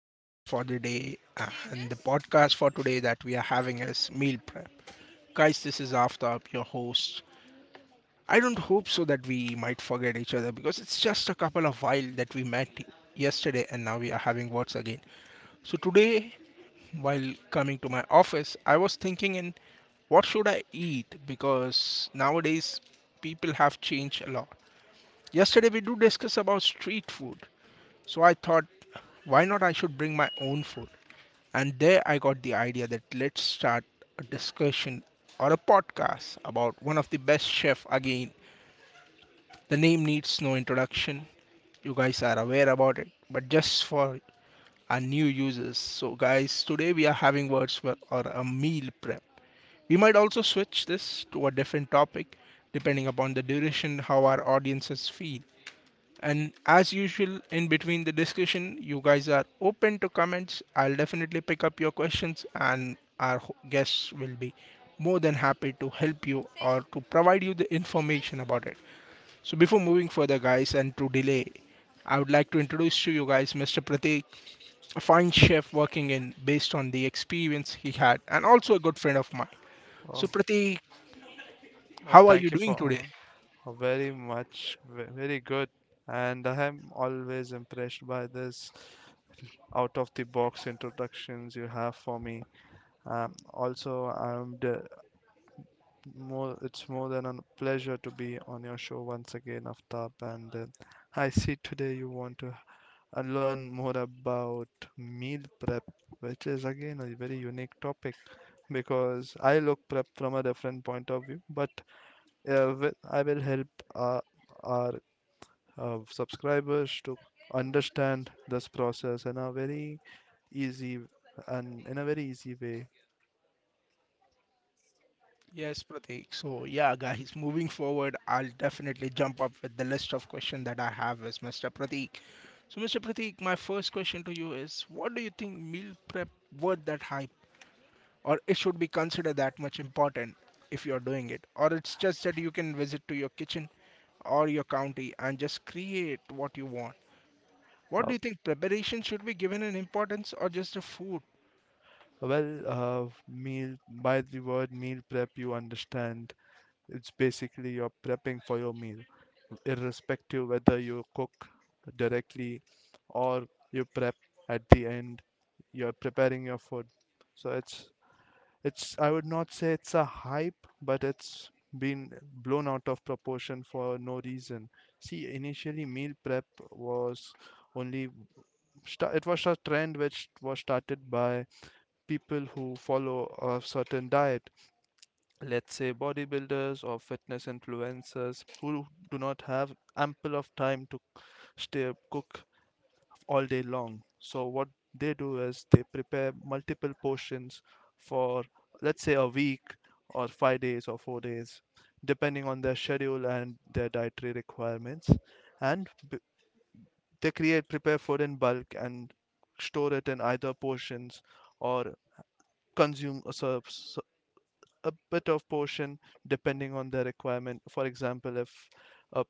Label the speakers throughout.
Speaker 1: I'm your host for the day, and the podcast for today that we are having is meal prep. Guys, this is Aftab, your host. I don't hope so that we might forget each other because it's just a couple of while that we met yesterday and now we are having words again. So today, while coming to my office, I was thinking in what should I eat because nowadays people have changed a lot. Yesterday we do discuss about street food. So I thought why not I should bring my own food? And there I got the idea that let's start a discussion or a podcast about one of the best chef again. The name needs no introduction. You guys are aware about it, but just for our new users. So guys, today we are having words for or a meal prep. We might also switch this to a different topic depending upon the duration how our audiences feel. And as usual, in between the discussion, you guys are open to comments. I'll definitely pick up your questions, and our guests will be more than happy to help you or to provide you the information about it. So, before moving further, guys, and to delay, I would like to introduce to you guys Mr. Pratik, a fine chef working in based on the experience he had, and also a good friend of mine.
Speaker 2: Oh,
Speaker 1: So, Pratik,
Speaker 2: well,
Speaker 1: how are you
Speaker 2: thank you
Speaker 1: doing
Speaker 2: for
Speaker 1: today?
Speaker 2: uh, very much, very good. And I am always impressed by this out of the box introductions you have for me. Also, I'm d more, it's more than a pleasure to be on your show once again, Aftab. And I see today you want to learn more about meal prep, which is again a very unique topic because I look prep from a different point of view, but I will help uh, our subscribers to understand this process in a very easy and in a very easy way.
Speaker 1: Yes, Pratik. So, yeah, guys, moving forward, I'll definitely jump up with the list of questions that I have as Mr. Pratik. So, Mr. Pratik, my first question to you is what do you think meal prep worth that hype or it should be considered that much important if you're doing it or it's just that you can visit to your kitchen or your county and just create what you want. What
Speaker 2: Uh,
Speaker 1: do you think preparation should be given an importance or just the food?
Speaker 2: meal by the word meal prep, you understand it's basically you're prepping for your meal, irrespective whether you cook directly or you prep at the end. You're preparing your food, so it's I would not say it's a hype, but it's been blown out of proportion for no reason. See, initially meal prep was only it was a trend which was started by people who follow a certain diet. Let's say bodybuilders or fitness influencers who do not have ample of time to stay cook all day long. So what they do is they prepare multiple portions for, let's say, a week or 5 days or 4 days depending on their schedule and their dietary requirements, and they create prepare food in bulk and store it in either portions or consume a bit of portion depending on the requirement. For example, a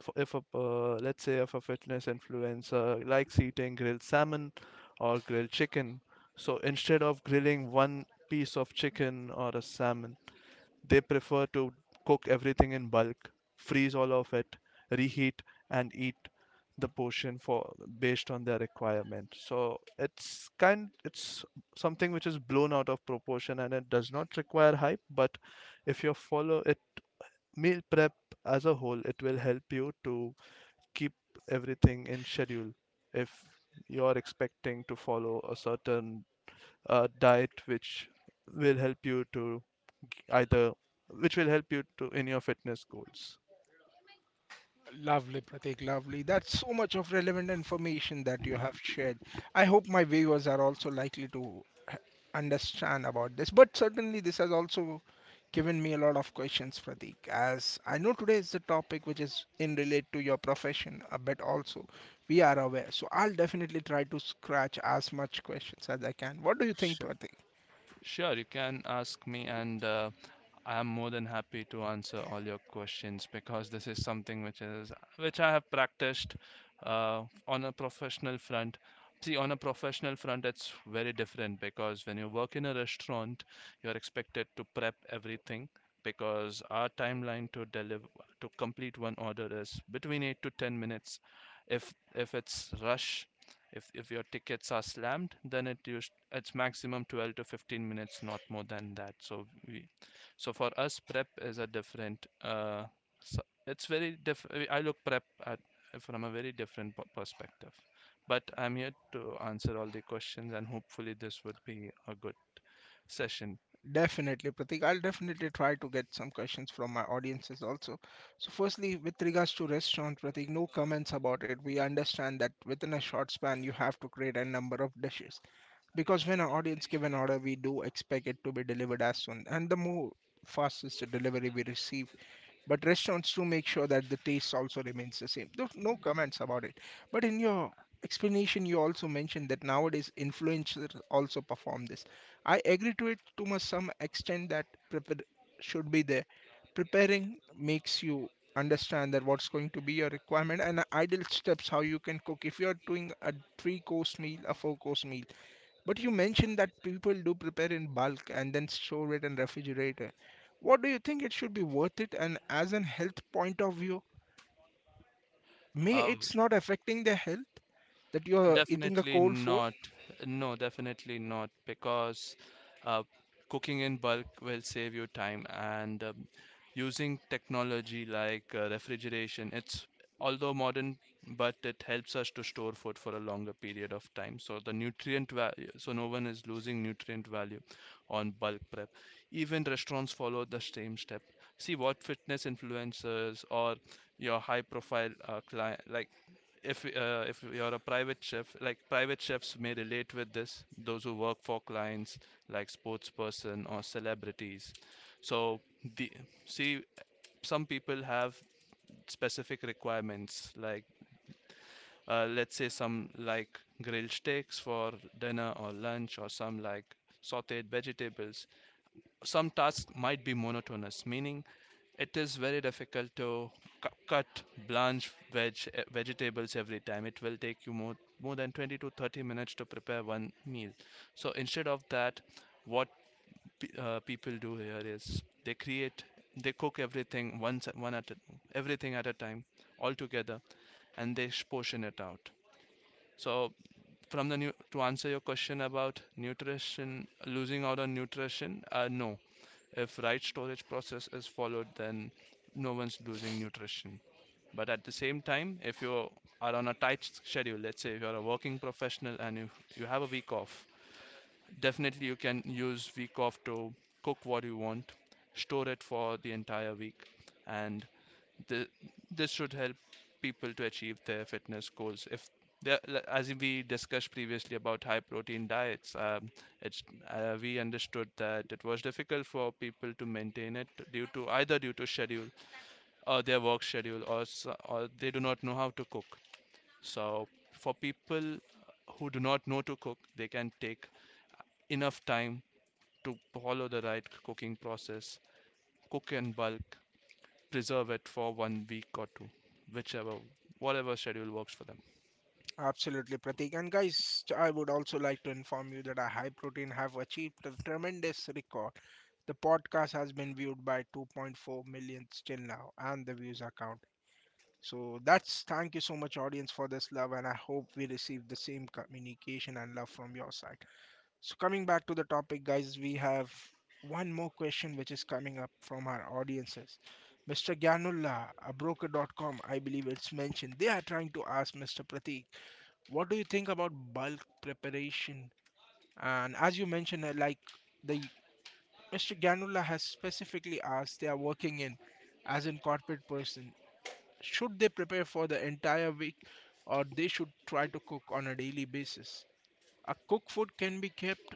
Speaker 2: if a let's say if a fitness influencer likes eating grilled salmon or grilled chicken, so instead of grilling one piece of chicken or a salmon, they prefer to cook everything in bulk, freeze all of it, reheat, and eat the portion for based on their requirement. So it's something which is blown out of proportion and it does not require hype, but if you follow it, meal prep as a whole, it will help you to keep everything in schedule if you're expecting to follow a certain diet which will help you to either which will help you to in your fitness goals.
Speaker 1: Lovely, Pratik, lovely. That's so much of relevant information that you have shared. I hope my viewers are also likely to h- understand about this. But certainly, this has also given me a lot of questions, Pratik. As I know today is the topic which is in relate to your profession a bit also. We are aware. So I'll definitely try to scratch as much questions as I can. What do you think, Pratik?
Speaker 2: Sure, you can ask me, and I am more than happy to answer all your questions because this is something which I have practiced on a professional front. See, on a professional front, it's very different because when you work in a restaurant, you're expected to prep everything because our timeline to deliver to complete one order is between 8 to 10 minutes. If it's rush, if your tickets are slammed, then it's maximum 12 to 15 minutes, not more than that. So for us, prep is a different. So it's very different. I look prep at from a very different perspective. But I'm here to answer all the questions, and hopefully this would be a good session.
Speaker 1: Definitely, Pratik. I'll definitely try to get some questions from my audiences also. So, firstly, with regards to restaurant, Pratik, no comments about it. We understand that within a short span, you have to create a number of dishes because when our audience give an order, we do expect it to be delivered as soon. And the more fastest the delivery we receive, but restaurants do make sure that the taste also remains the same. There's no comments about it. But in your explanation, you also mentioned that nowadays influencers also perform this. I agree to it to some extent that prepare should be there. Preparing makes you understand that what's going to be your requirement and ideal steps how you can cook if you're doing a three course meal a four course meal, but you mentioned that people do prepare in bulk and then store it in refrigerator. What do you think, it should be worth it? And as an health point of view, may
Speaker 2: Uh,
Speaker 1: it's not affecting their health that you're eating a
Speaker 2: Definitely
Speaker 1: cold food?
Speaker 2: not. No, definitely not, because uh, cooking in bulk will save you time, and using technology like refrigeration, it's although modern, but it helps us to store food for a longer period of time. So the nutrient value, so no one is losing nutrient value on bulk prep. Even restaurants follow the same step. See, what fitness influencers or your high profile client like, if you're a private chef, like private chefs may relate with this, those who work for clients like sports person or celebrities. So the see Some people have specific requirements, like let's say some like grilled steaks for dinner or lunch, or some like sauteed vegetables. Some tasks might be monotonous, meaning it is very difficult to cut, blanch vegetables every time. It will take you more than 20 to 30 minutes to prepare one meal. So instead of that, what people do here is they cook everything once, everything at a time, all together, and they portion it out. So, from the new to answer your question about nutrition, losing out on nutrition, no. If right storage process is followed, then no one's losing nutrition. But at the same time, if you are on a tight schedule, let's say if you're a working professional and you have a week off, definitely you can use week off to cook what you want, store it for the entire week, and Th- this should help people to achieve their fitness goals. If they, as we discussed previously about high protein diets, it's, we understood that it was difficult for people to maintain it due to either due to schedule or their work schedule, or they do not know how to cook. So for people who do not know to cook, they can take enough time to follow the right cooking process, cook in bulk, preserve it for one week or two, whichever, whatever schedule works for them.
Speaker 1: Absolutely, Pratik. And guys, I would also like to inform you that our High Protein have achieved a tremendous record. The podcast has been viewed by 2.4 million till now, and the views are counting. So that's thank you so much, audience, for this love, and I hope we receive the same communication and love from your side. So coming back to the topic, guys, we have one more question which is coming up from our audiences. Mr. Gyanullah, a broker.com. I believe it's mentioned. They are trying to ask Mr. Pratik what do you think about bulk preparation? And as you mentioned, like the Mr. Ganula has specifically asked, they are working in as in corporate person. Should they prepare for the entire week, or they should try to cook on a daily basis? A cook food can be kept,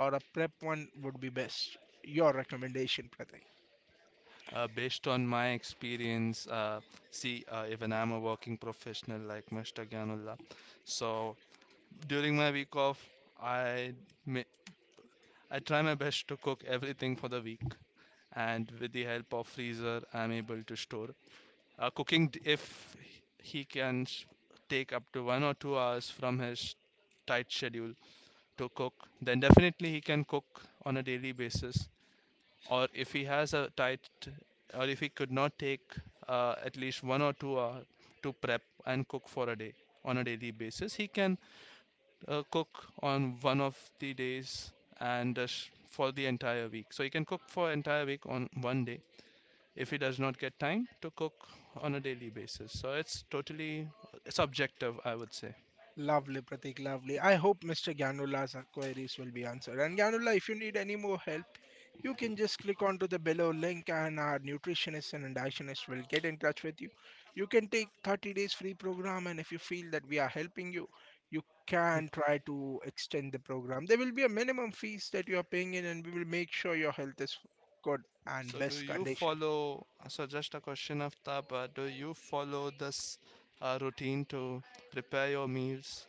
Speaker 1: or a prep one would be best. Your recommendation, Pratik.
Speaker 2: Based on my experience, even I'm a working professional like Mr. Gyanullah, so during my week off, I may, I try my best to cook everything for the week, and with the help of freezer, I'm able to store. Cooking, if he can take up to one or two hours from his tight schedule to cook, then definitely he can cook on a daily basis. Or if he has a tight, or if he could not take at least one or two hours to prep and cook for a day on a daily basis, he can cook on one of the days and for the entire week. So he can cook for entire week on one day if he does not get time to cook on a daily basis. So it's totally subjective, I would say.
Speaker 1: Lovely, Pratik, lovely. I hope Mr. Gyanula's queries will be answered. And Gyanula, if you need any more help, you can just click onto the below link and our nutritionist and dietitianist will get in touch with you. You can take 30 days free program and if you feel that we are helping you, you can try to extend the program. There will be a minimum fees that you are paying in and we will make sure your health is good and
Speaker 2: So do
Speaker 1: best
Speaker 2: you
Speaker 1: condition.
Speaker 2: follow, so just a question of Tapa, do you follow this routine to prepare your meals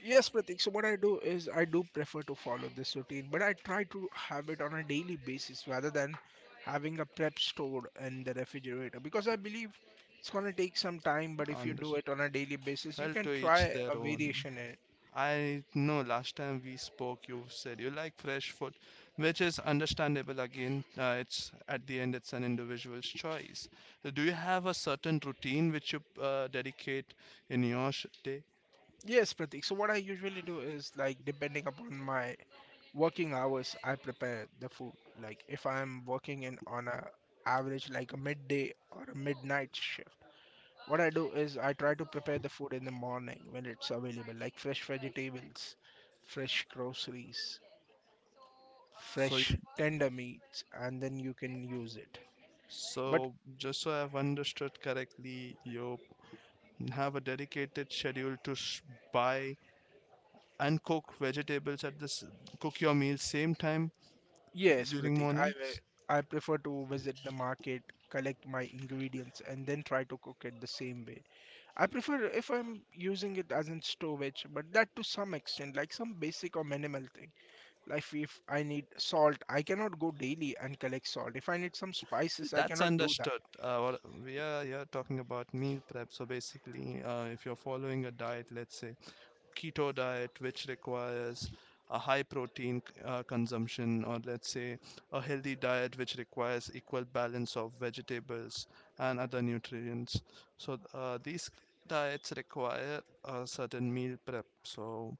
Speaker 1: Yes, Pratik. So what I do is I do prefer to follow this routine, but I try to have it on a daily basis rather than having a prep stored in the refrigerator because I believe it's gonna take some time, but if you
Speaker 2: on
Speaker 1: do
Speaker 2: this?
Speaker 1: it on a daily basis, you
Speaker 2: Well,
Speaker 1: can
Speaker 2: to each
Speaker 1: try
Speaker 2: their
Speaker 1: a
Speaker 2: own.
Speaker 1: variation in it.
Speaker 2: I know last time we spoke, you said you like fresh food, which is understandable. Again, it's at the end, it's an individual's choice. So do you have a certain routine which you dedicate in your day?
Speaker 1: Yes, Pratik. So what I usually do is like depending upon my working hours, I prepare the food. Like if I'm working in on a average like a midday or a midnight shift. What I do is I try to prepare the food in the morning when it's available, like fresh vegetables, fresh groceries,
Speaker 2: So,
Speaker 1: fresh tender meats, and then you can use it. But
Speaker 2: just so I've understood correctly, you have a dedicated schedule to buy and cook vegetables at this cook your meals same time
Speaker 1: yes,
Speaker 2: during
Speaker 1: Pratik, I
Speaker 2: mornings?
Speaker 1: I prefer to visit the market, collect my ingredients, and then try to cook it the same way. I prefer if I'm using it as in storage, but that to some extent, like some basic or minimal thing. Like if I need salt, I cannot go daily and collect salt. If I need some
Speaker 2: See,
Speaker 1: spices, I
Speaker 2: that's
Speaker 1: cannot do that.
Speaker 2: understood. What we are here talking about meal prep, so basically, if you're following a diet, let's say keto diet, which requires a high protein consumption, or let's say a healthy diet, which requires equal balance of vegetables and other nutrients. So these diets require a certain meal prep. So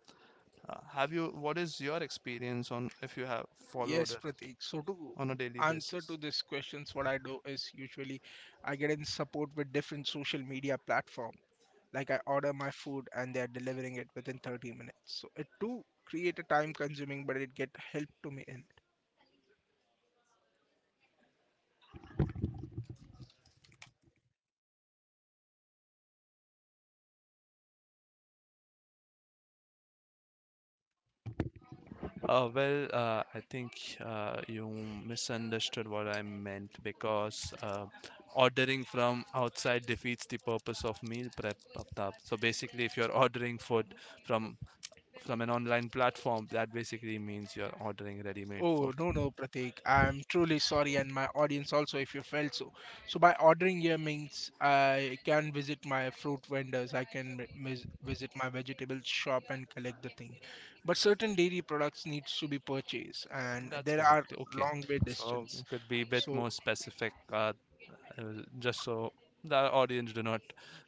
Speaker 2: have you? What is your experience on if you have followed
Speaker 1: Yes,
Speaker 2: it
Speaker 1: Pratik. So to
Speaker 2: on a daily
Speaker 1: answer to
Speaker 2: basis?
Speaker 1: this questions, what I do is usually I get in support with different social media platform. Like I order my food and they are delivering it within 30 minutes. So it do create a time consuming, but it get help to me in.
Speaker 2: I think you misunderstood what I meant because ordering from outside defeats the purpose of meal prep, Aftab. So basically, if you're ordering food from from an online platform, that basically means you're ordering ready-made
Speaker 1: Oh,
Speaker 2: food.
Speaker 1: no, no, Pratik. I'm truly sorry, and my audience also, if you felt so. So, by ordering here means I can visit my fruit vendors, I can visit my vegetable shop and collect the thing. But certain dairy products needs to be purchased, and
Speaker 2: That's
Speaker 1: there are
Speaker 2: correct. Okay.
Speaker 1: long way
Speaker 2: So
Speaker 1: distance.
Speaker 2: it could be a bit
Speaker 1: So,
Speaker 2: more specific, uh, just so the audience do not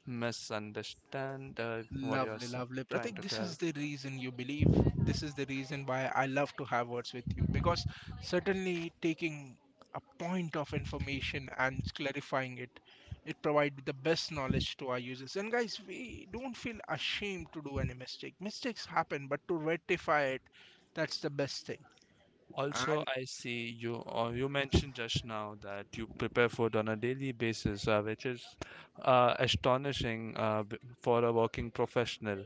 Speaker 2: misunderstand what you're
Speaker 1: lovely, lovely. But I
Speaker 2: trying
Speaker 1: think
Speaker 2: to
Speaker 1: this
Speaker 2: tell.
Speaker 1: is the reason you believe. This is the reason why I love to have words with you because certainly taking a point of information and clarifying it, it provides the best knowledge to our users. And guys, we don't feel ashamed to do any mistake. Mistakes happen, but to rectify it, that's the best thing.
Speaker 2: Also, I see you mentioned just now that you prepare food on a daily basis, which is astonishing for a working professional.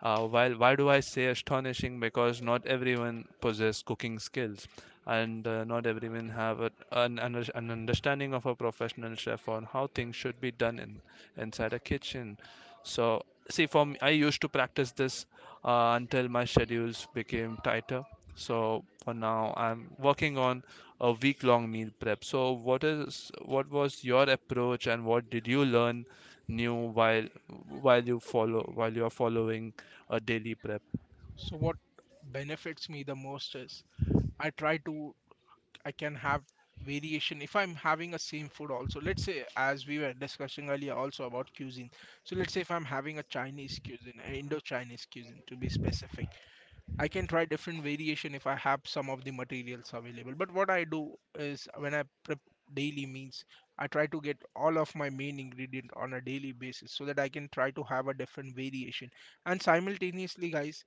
Speaker 2: While Why do I say astonishing? Because not everyone possess cooking skills, and not everyone have a, an understanding of a professional chef on how things should be done inside a kitchen. So see, for me, I used to practice this until my schedules became tighter. So for now I'm working on a week long meal prep. So what was your approach, and what did you learn new while while you are following a daily prep?
Speaker 1: So what benefits me the most is I try to I can have variation if I'm having a same food also. Let's say as we were discussing earlier also about cuisine. So let's say if I'm having a Chinese cuisine, an Indo-Chinese cuisine to be specific. I can try different variation if I have some of the materials available. But what I do is when I prep daily meals, I try to get all of my main ingredient on a daily basis so that I can try to have a different variation. And simultaneously, guys,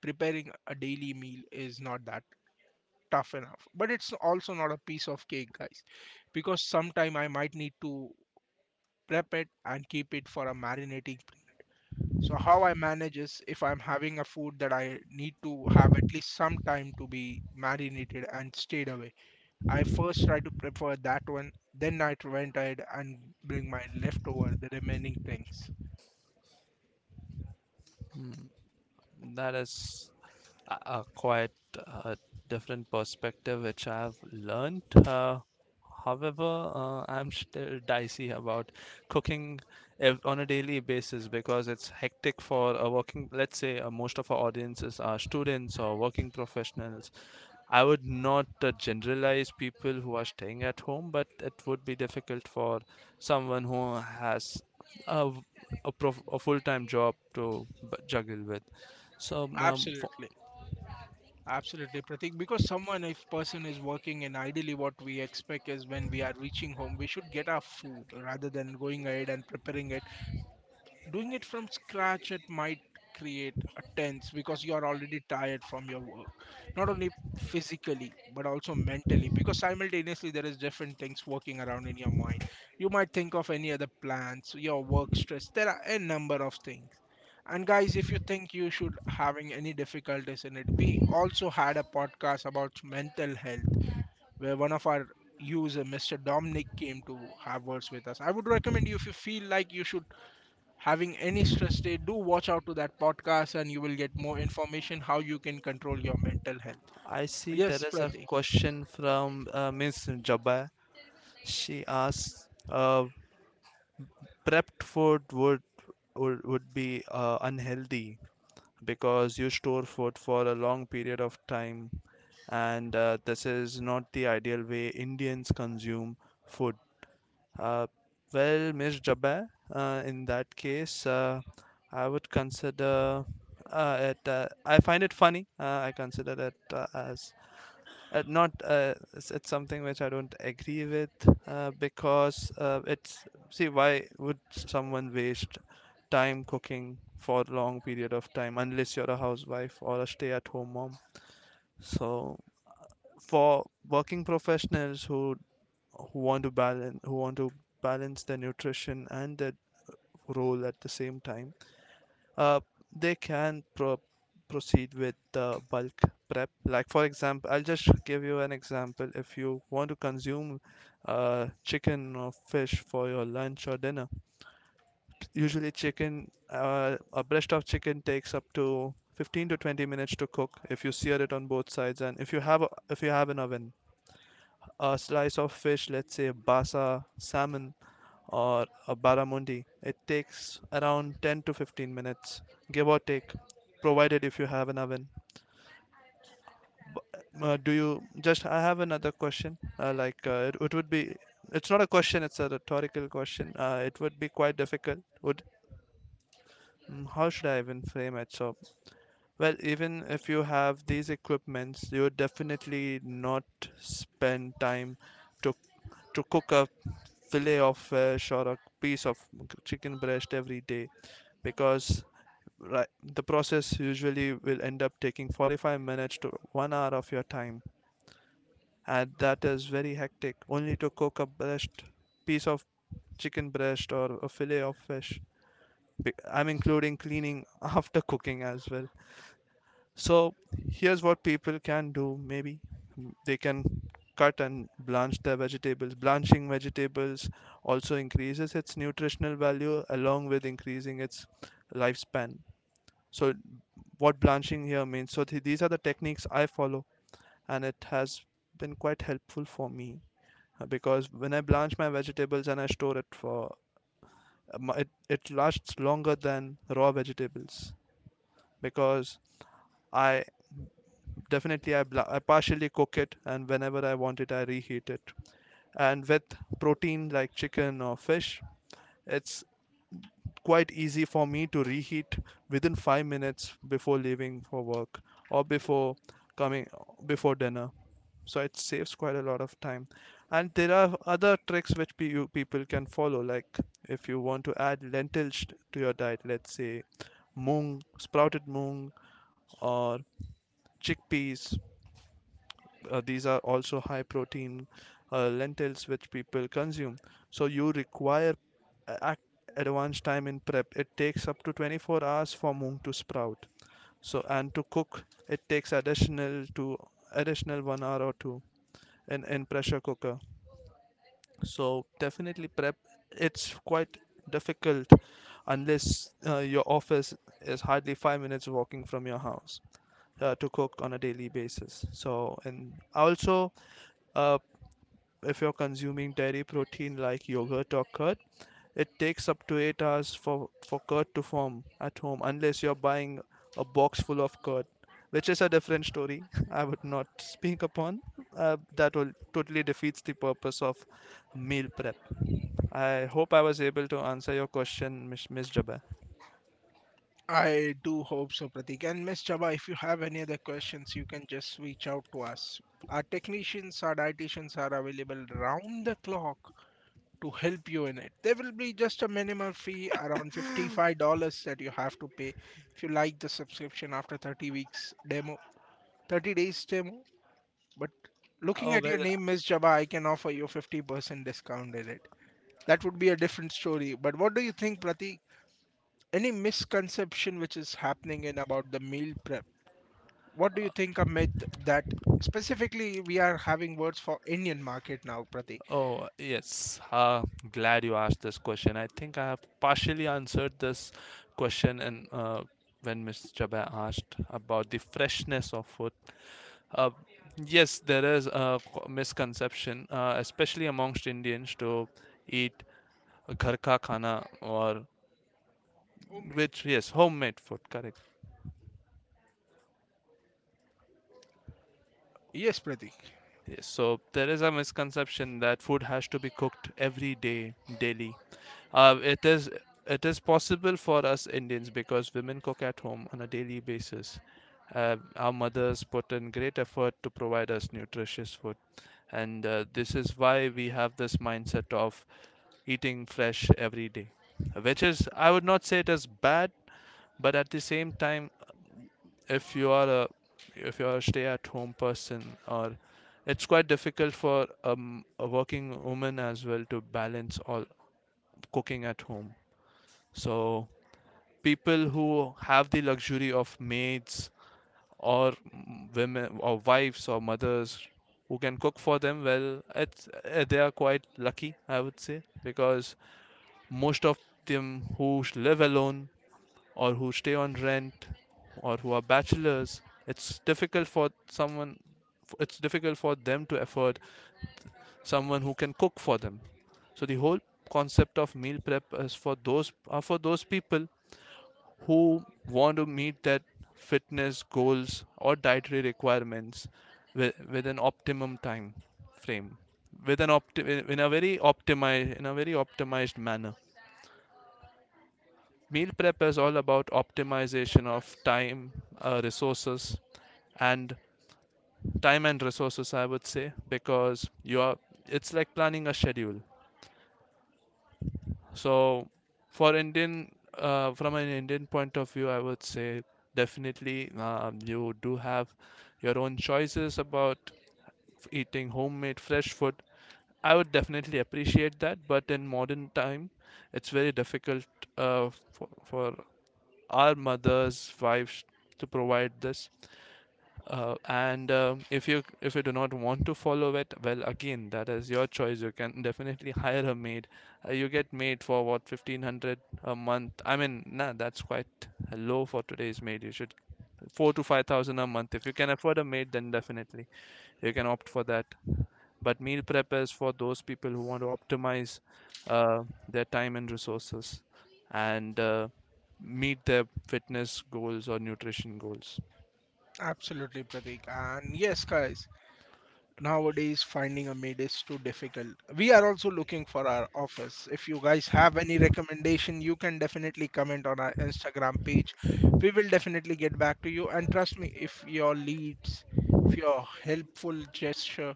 Speaker 1: preparing a daily meal is not that tough enough, but it's also not a piece of cake, guys, because sometime I might need to prep it and keep it for a marinating. So how I manage is if I'm having a food that I need to have at least some time to be marinated and stayed away, I first try to prepare that one, then I try ahead and bring my leftover, the remaining things.
Speaker 2: That is a, quite uh different perspective which I've learned. Uh, However, I'm still dicey about cooking on a daily basis because it's hectic for a working. Let's say most of our audiences are students or working professionals. I would not generalize people who are staying at home, but it would be difficult for someone who has a, v- a, prof- a full-time job to juggle with. So, f
Speaker 1: Absolutely. Absolutely, Pratik. Because someone, if person is working, and ideally what we expect is when we are reaching home, we should get our food rather than going ahead and preparing it. Doing it from scratch, it might create a tense because you are already tired from your work, not only physically but also mentally. Because simultaneously, there is different things working around in your mind. You might think of any other plans, your work stress. There are a number of things and guys, if you think you should having any difficulties in it, we also had a podcast about mental health where one of our user, Mr. Dominic, came to have words with us. I would recommend you if you feel like you should having any stress state, do watch out to that podcast and you will get more information how you can control your mental health.
Speaker 2: I see there
Speaker 1: Yes,
Speaker 2: is a
Speaker 1: Pratik.
Speaker 2: question from Miss Jabba. She asks, prepped food would would be unhealthy because you store food for a long period of time, and this is not the ideal way Indians consume food. Uh, Miss Jabba, in that case, I would consider it. I find it funny. I consider it as not it's something which I don't agree with because it's see, why would someone waste time cooking for a long period of time unless you're a housewife or a stay at home mom? So for working professionals who want to balance their nutrition and their role at the same time, uh, they can proceed with the bulk prep. Like, for example, I'll just give you an example. If you want to consume chicken or fish for your lunch or dinner, usually chicken, a breast of chicken takes up to 15 to 20 minutes to cook if you sear it on both sides and if you have an oven. A slice of fish, let's say basa, salmon, or a barramundi, it takes around 10 to 15 minutes, give or take, provided if you have an oven. Do you just? I have another question. Like, it would be, it's not a question; it's a rhetorical question. It would be quite difficult. How should I even frame it? So well, even if you have these equipments, you definitely not spend time to to cook a fillet of fish or a piece of chicken breast every day, because right, the process usually will end up taking 45 minutes to 1 hour of your time, and that is very hectic, only to cook a breast piece of chicken breast or a fillet of fish. I'm including cleaning after cooking as well. So here's what people can do. Maybe they can cut and blanch their vegetables. Blanching vegetables also increases its nutritional value along with increasing its lifespan. So what blanching here means. So these are the techniques I follow, and it has been quite helpful for me, because when I blanch my vegetables and I store it for it, lasts longer than raw vegetables, because I definitely I partially cook it, and whenever I want it I reheat it. And with protein like chicken or fish, it's quite easy for me to reheat within 5 minutes before leaving for work, or before coming, before dinner. So it saves quite a lot of time. And there are other tricks which you people can follow, like if you want to add lentils to your diet, let's say moong, sprouted moong, or chickpeas, these are also high protein lentils which people consume. So you require ac advanced time in prep. It takes up to 24 hours for mung to sprout, so, and to cook it takes additional 1 hour or 2 in pressure cooker. So definitely prep, it's quite difficult unless your office is hardly 5 minutes walking from your house, to cook on a daily basis. So, and also, uh, if you're consuming dairy protein like yogurt or curd, it takes up to 8 hours for curd to form at home, unless you're buying a box full of curd, which is a different story. I would not speak upon. That will totally defeats the purpose of meal prep. I hope I was able to answer your question, Miss Jabba.
Speaker 1: I do hope so, Pratik. And Miss Chaba, if you have any other questions, you can just reach out to us. Our technicians, our dietitians are available round the clock to help you in it. There will be just a minimal fee around $55 that you have to pay if you like the subscription after 30 weeks demo, 30 days demo. But looking
Speaker 2: Oh,
Speaker 1: at your
Speaker 2: well.
Speaker 1: name, Miss Java, I can offer you 50% discount in it. That would be a different story. But what do you think, Pratik? Any misconception which is happening in about the meal prep? What do you think a myth that specifically we are having words for Indian market now, Pratik?
Speaker 2: Oh, yes. Glad you asked this question. I think I have partially answered this question, and when Miss Chabai asked about the freshness of food. Uh, yes, there is a misconception, especially amongst Indians, to eat ghar ka khana, or, which, yes, homemade food, correct.
Speaker 1: Yes, Pratik.
Speaker 2: Yes, so there is a misconception that food has to be cooked every day, daily. It is, it is possible for us Indians because women cook at home on a daily basis. Our mothers put in great effort to provide us nutritious food, and this is why we have this mindset of eating fresh every day, which is, I would not say it is bad, but at the same time, if you are a if you are a stay at home person, or it's quite difficult for a working woman as well, to balance all cooking at home. So people who have the luxury of maids, or women or wives or mothers who can cook for them, well, it's they are quite lucky, I would say, because most of them who live alone, or who stay on rent, or who are bachelors, it's difficult for someone it's difficult for them to afford someone who can cook for them. So the whole concept of meal prep is for those people who want to meet that fitness goals or dietary requirements with an optimum time frame, with an opti- in a very optimized in a very optimized manner. Meal prep is all about optimization of time, resources, and time and resources, I would say, because you are, it's like planning a schedule. So for indian, from an indian point of view, I would say, definitely you do have your own choices about eating homemade fresh food. I would definitely appreciate that, but in modern time, it's very difficult, for our mothers, wives, to provide this. And if you do not want to follow it, well, again, that is your choice. You can definitely hire a maid. You get maid for what, 1500 a month? I mean, nah, that's quite low for today's maid. You should four to five thousand a month. If you can afford a maid, then definitely you can opt for that. But meal prep is for those people who want to optimize their time and resources, and meet their fitness goals or nutrition goals.
Speaker 1: Absolutely, Pratik. And yes, guys, nowadays, finding a maid is too difficult. We are also looking for our office. If you guys have any recommendation, you can definitely comment on our Instagram page. We will definitely get back to you. And trust me, if your leads, if your helpful gesture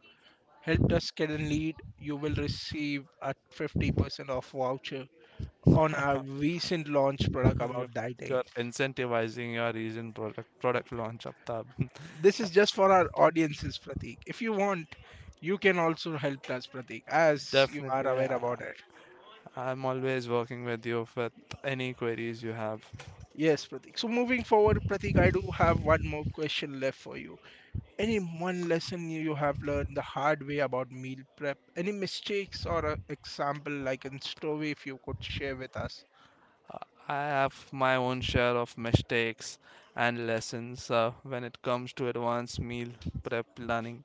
Speaker 1: helped us get a lead, you will receive a 50% off voucher on our recent launch product
Speaker 2: You're,
Speaker 1: about
Speaker 2: you're
Speaker 1: dieting.
Speaker 2: incentivizing your recent product launch, Aftab.
Speaker 1: This is just for our audiences, Pratik. If you want, you can also help us, Pratik, as you are
Speaker 2: Definitely,
Speaker 1: aware
Speaker 2: yeah.
Speaker 1: about it.
Speaker 2: I'm always working with you, with any queries you have.
Speaker 1: Yes, Pratik. So moving forward, Pratik, I do have one more question left for you. Any one lesson you have learned the hard way about meal prep? Any mistakes or a example like in story if you could share with us?
Speaker 2: Uh, I have my own share of mistakes and lessons when it comes to advanced meal prep planning.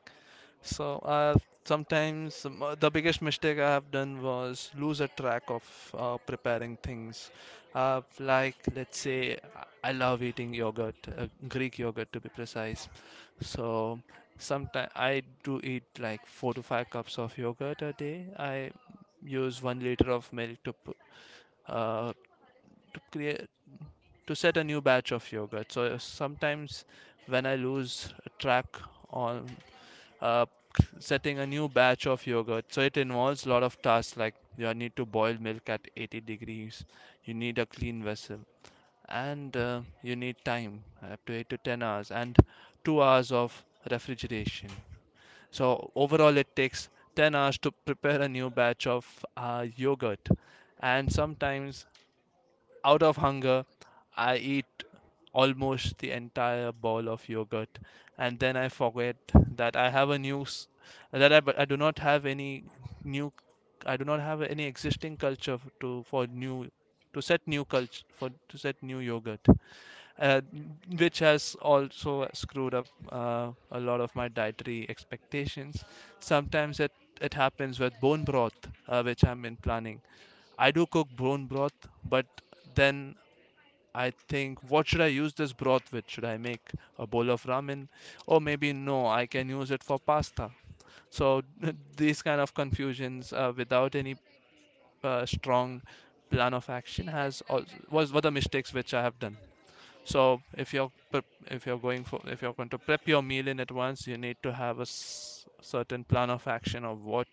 Speaker 2: So sometimes the biggest mistake I have done was lose a track of preparing things. Like, let's say I love eating yogurt, Greek yogurt to be precise. So sometimes I do eat like four to five cups of yogurt a day. I use 1 liter of milk to p- uh, to create to set a new batch of yogurt. So sometimes when I lose track on uh, setting a new batch of yogurt. So it involves a lot of tasks, like you need to boil milk at 80 degrees, you need a clean vessel, and you need time up to 8 to 10 hours, and 2 hours of refrigeration. So overall, it takes 10 hours to prepare a new batch of yogurt, and sometimes out of hunger, I eat almost the entire bowl of yogurt, and then I forget that I have a new s- that I, but I do not have any new, I do not have any existing culture f- to for new to set new culture, for to set new yogurt, uh, which has also screwed up a lot of my dietary expectations. Sometimes it it happens with bone broth, which I'm in planning. I do cook bone broth, but then I think, what should I use this broth with? Should I make a bowl of ramen? Or maybe no, I can use it for pasta. So these kind of confusions without any strong plan of action has al- was were the mistakes which I have done. So if you're prep- if you're going for if you're going to prep your meal in advance, you need to have a certain plan of action of what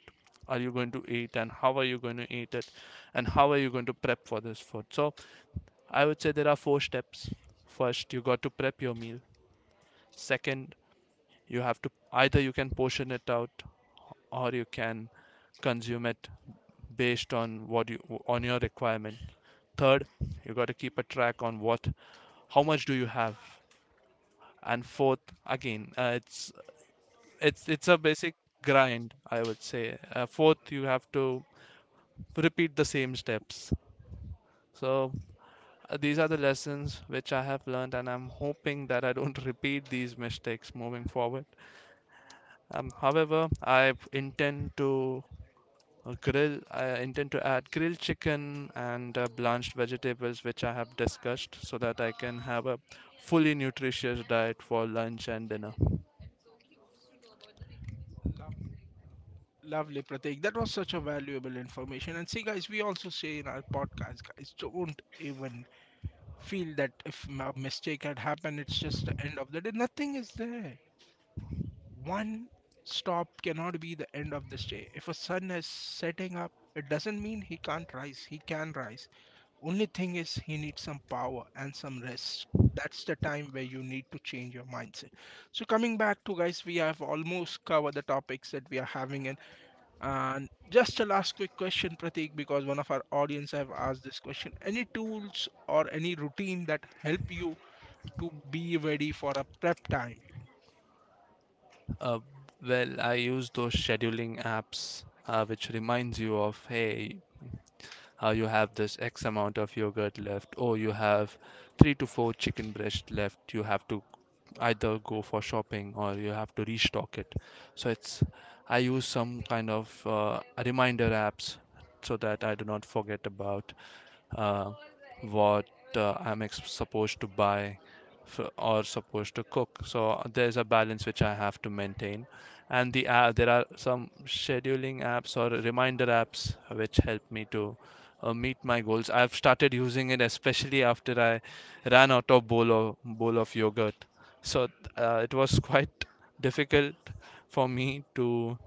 Speaker 2: are you going to eat, and how are you going to eat it, and how are you going to prep for this food. So I would say there are four steps. First, you got to prep your meal. Second, you have to, either you can portion it out, or you can consume it based on what you on your requirement. Third, you got to keep a track on what how much do you have. And fourth, again, it's it's a basic grind, I would say. Fourth, you have to repeat the same steps. So, these are the lessons which I have learned, and I'm hoping that I don't repeat these mistakes moving forward. However, I intend to I intend to add grilled chicken and blanched vegetables, which I have discussed, so that I can have a fully nutritious diet for lunch and dinner.
Speaker 1: Lov- Lovely, Pratik. That was such a valuable information. And see, guys, we also say in our podcast, guys, don't even feel that if a mistake had happened, it's just the end of the day. Nothing is there. One stop cannot be the end of this day. If a sun is setting up, it doesn't mean he can't rise. He can rise. Only thing is, he needs some power and some rest. That's the time where you need to change your mindset. So, coming back to guys, we have almost covered the topics that we are having in. And just a last quick question, Pratik, because one of our audience have asked this question. Any tools or any routine that help you to be ready for a prep time?
Speaker 2: Uh, well, I use those scheduling apps which reminds you of, hey, you have this X amount of yogurt left, or you have three to four chicken breast left. You have to either go for shopping, or you have to restock it. So it's, I use some kind of reminder apps, so that I do not forget about uh, what I'm supposed to buy or supposed to cook. So there's a balance which I have to maintain, and there are some scheduling apps or reminder apps which help me to meet my goals. I've started using it especially after I ran out of bowl of yogurt. So it was quite difficult for me to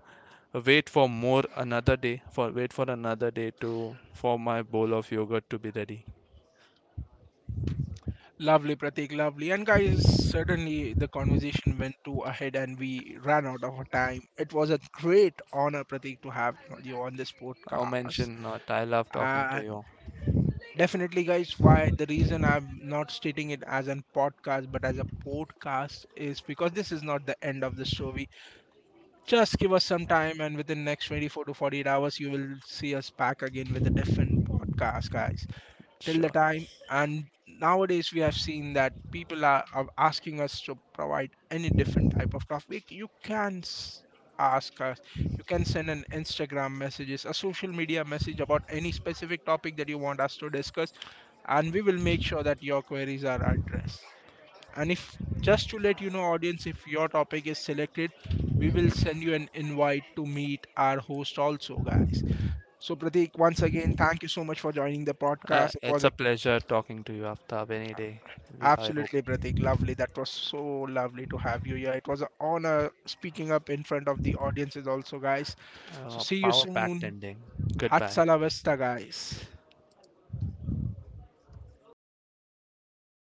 Speaker 2: wait for another day to for my bowl of yogurt to be ready.
Speaker 1: Lovely, Pratik, lovely. And guys, suddenly the conversation went too ahead and we ran out of our time. It was a great honor, Pratik, to have you on this
Speaker 2: Oh,
Speaker 1: podcast.
Speaker 2: mention not. I love talking to
Speaker 1: And
Speaker 2: you.
Speaker 1: definitely, guys, why the reason I'm not stating it as a podcast but as a podcast is because this is not the end of the show. We just give us some time, and within next 24 to 48 hours, you will see us back again with a different podcast, guys. Till the
Speaker 2: Sure.
Speaker 1: time, and nowadays we have seen that people are, asking us to provide any different type of topic. You can ask us. You can send an Instagram messages, a social media message about any specific topic that you want us to discuss, and we will make sure that your queries are addressed. And if just to let you know, audience, if your topic is selected, we will send you an invite to meet our host also, guys. So Pratik, once again, thank you so much for joining the podcast. It was
Speaker 2: It's a
Speaker 1: a
Speaker 2: pleasure talking to you, Aftab, any day. We, I hope.
Speaker 1: absolutely Pratik, lovely. That was so lovely to have you here. It was an honor speaking up in front of the audiences also, guys. So see you
Speaker 2: Power packed
Speaker 1: soon.
Speaker 2: ending. Goodbye.
Speaker 1: Hatsala Vesta, guys.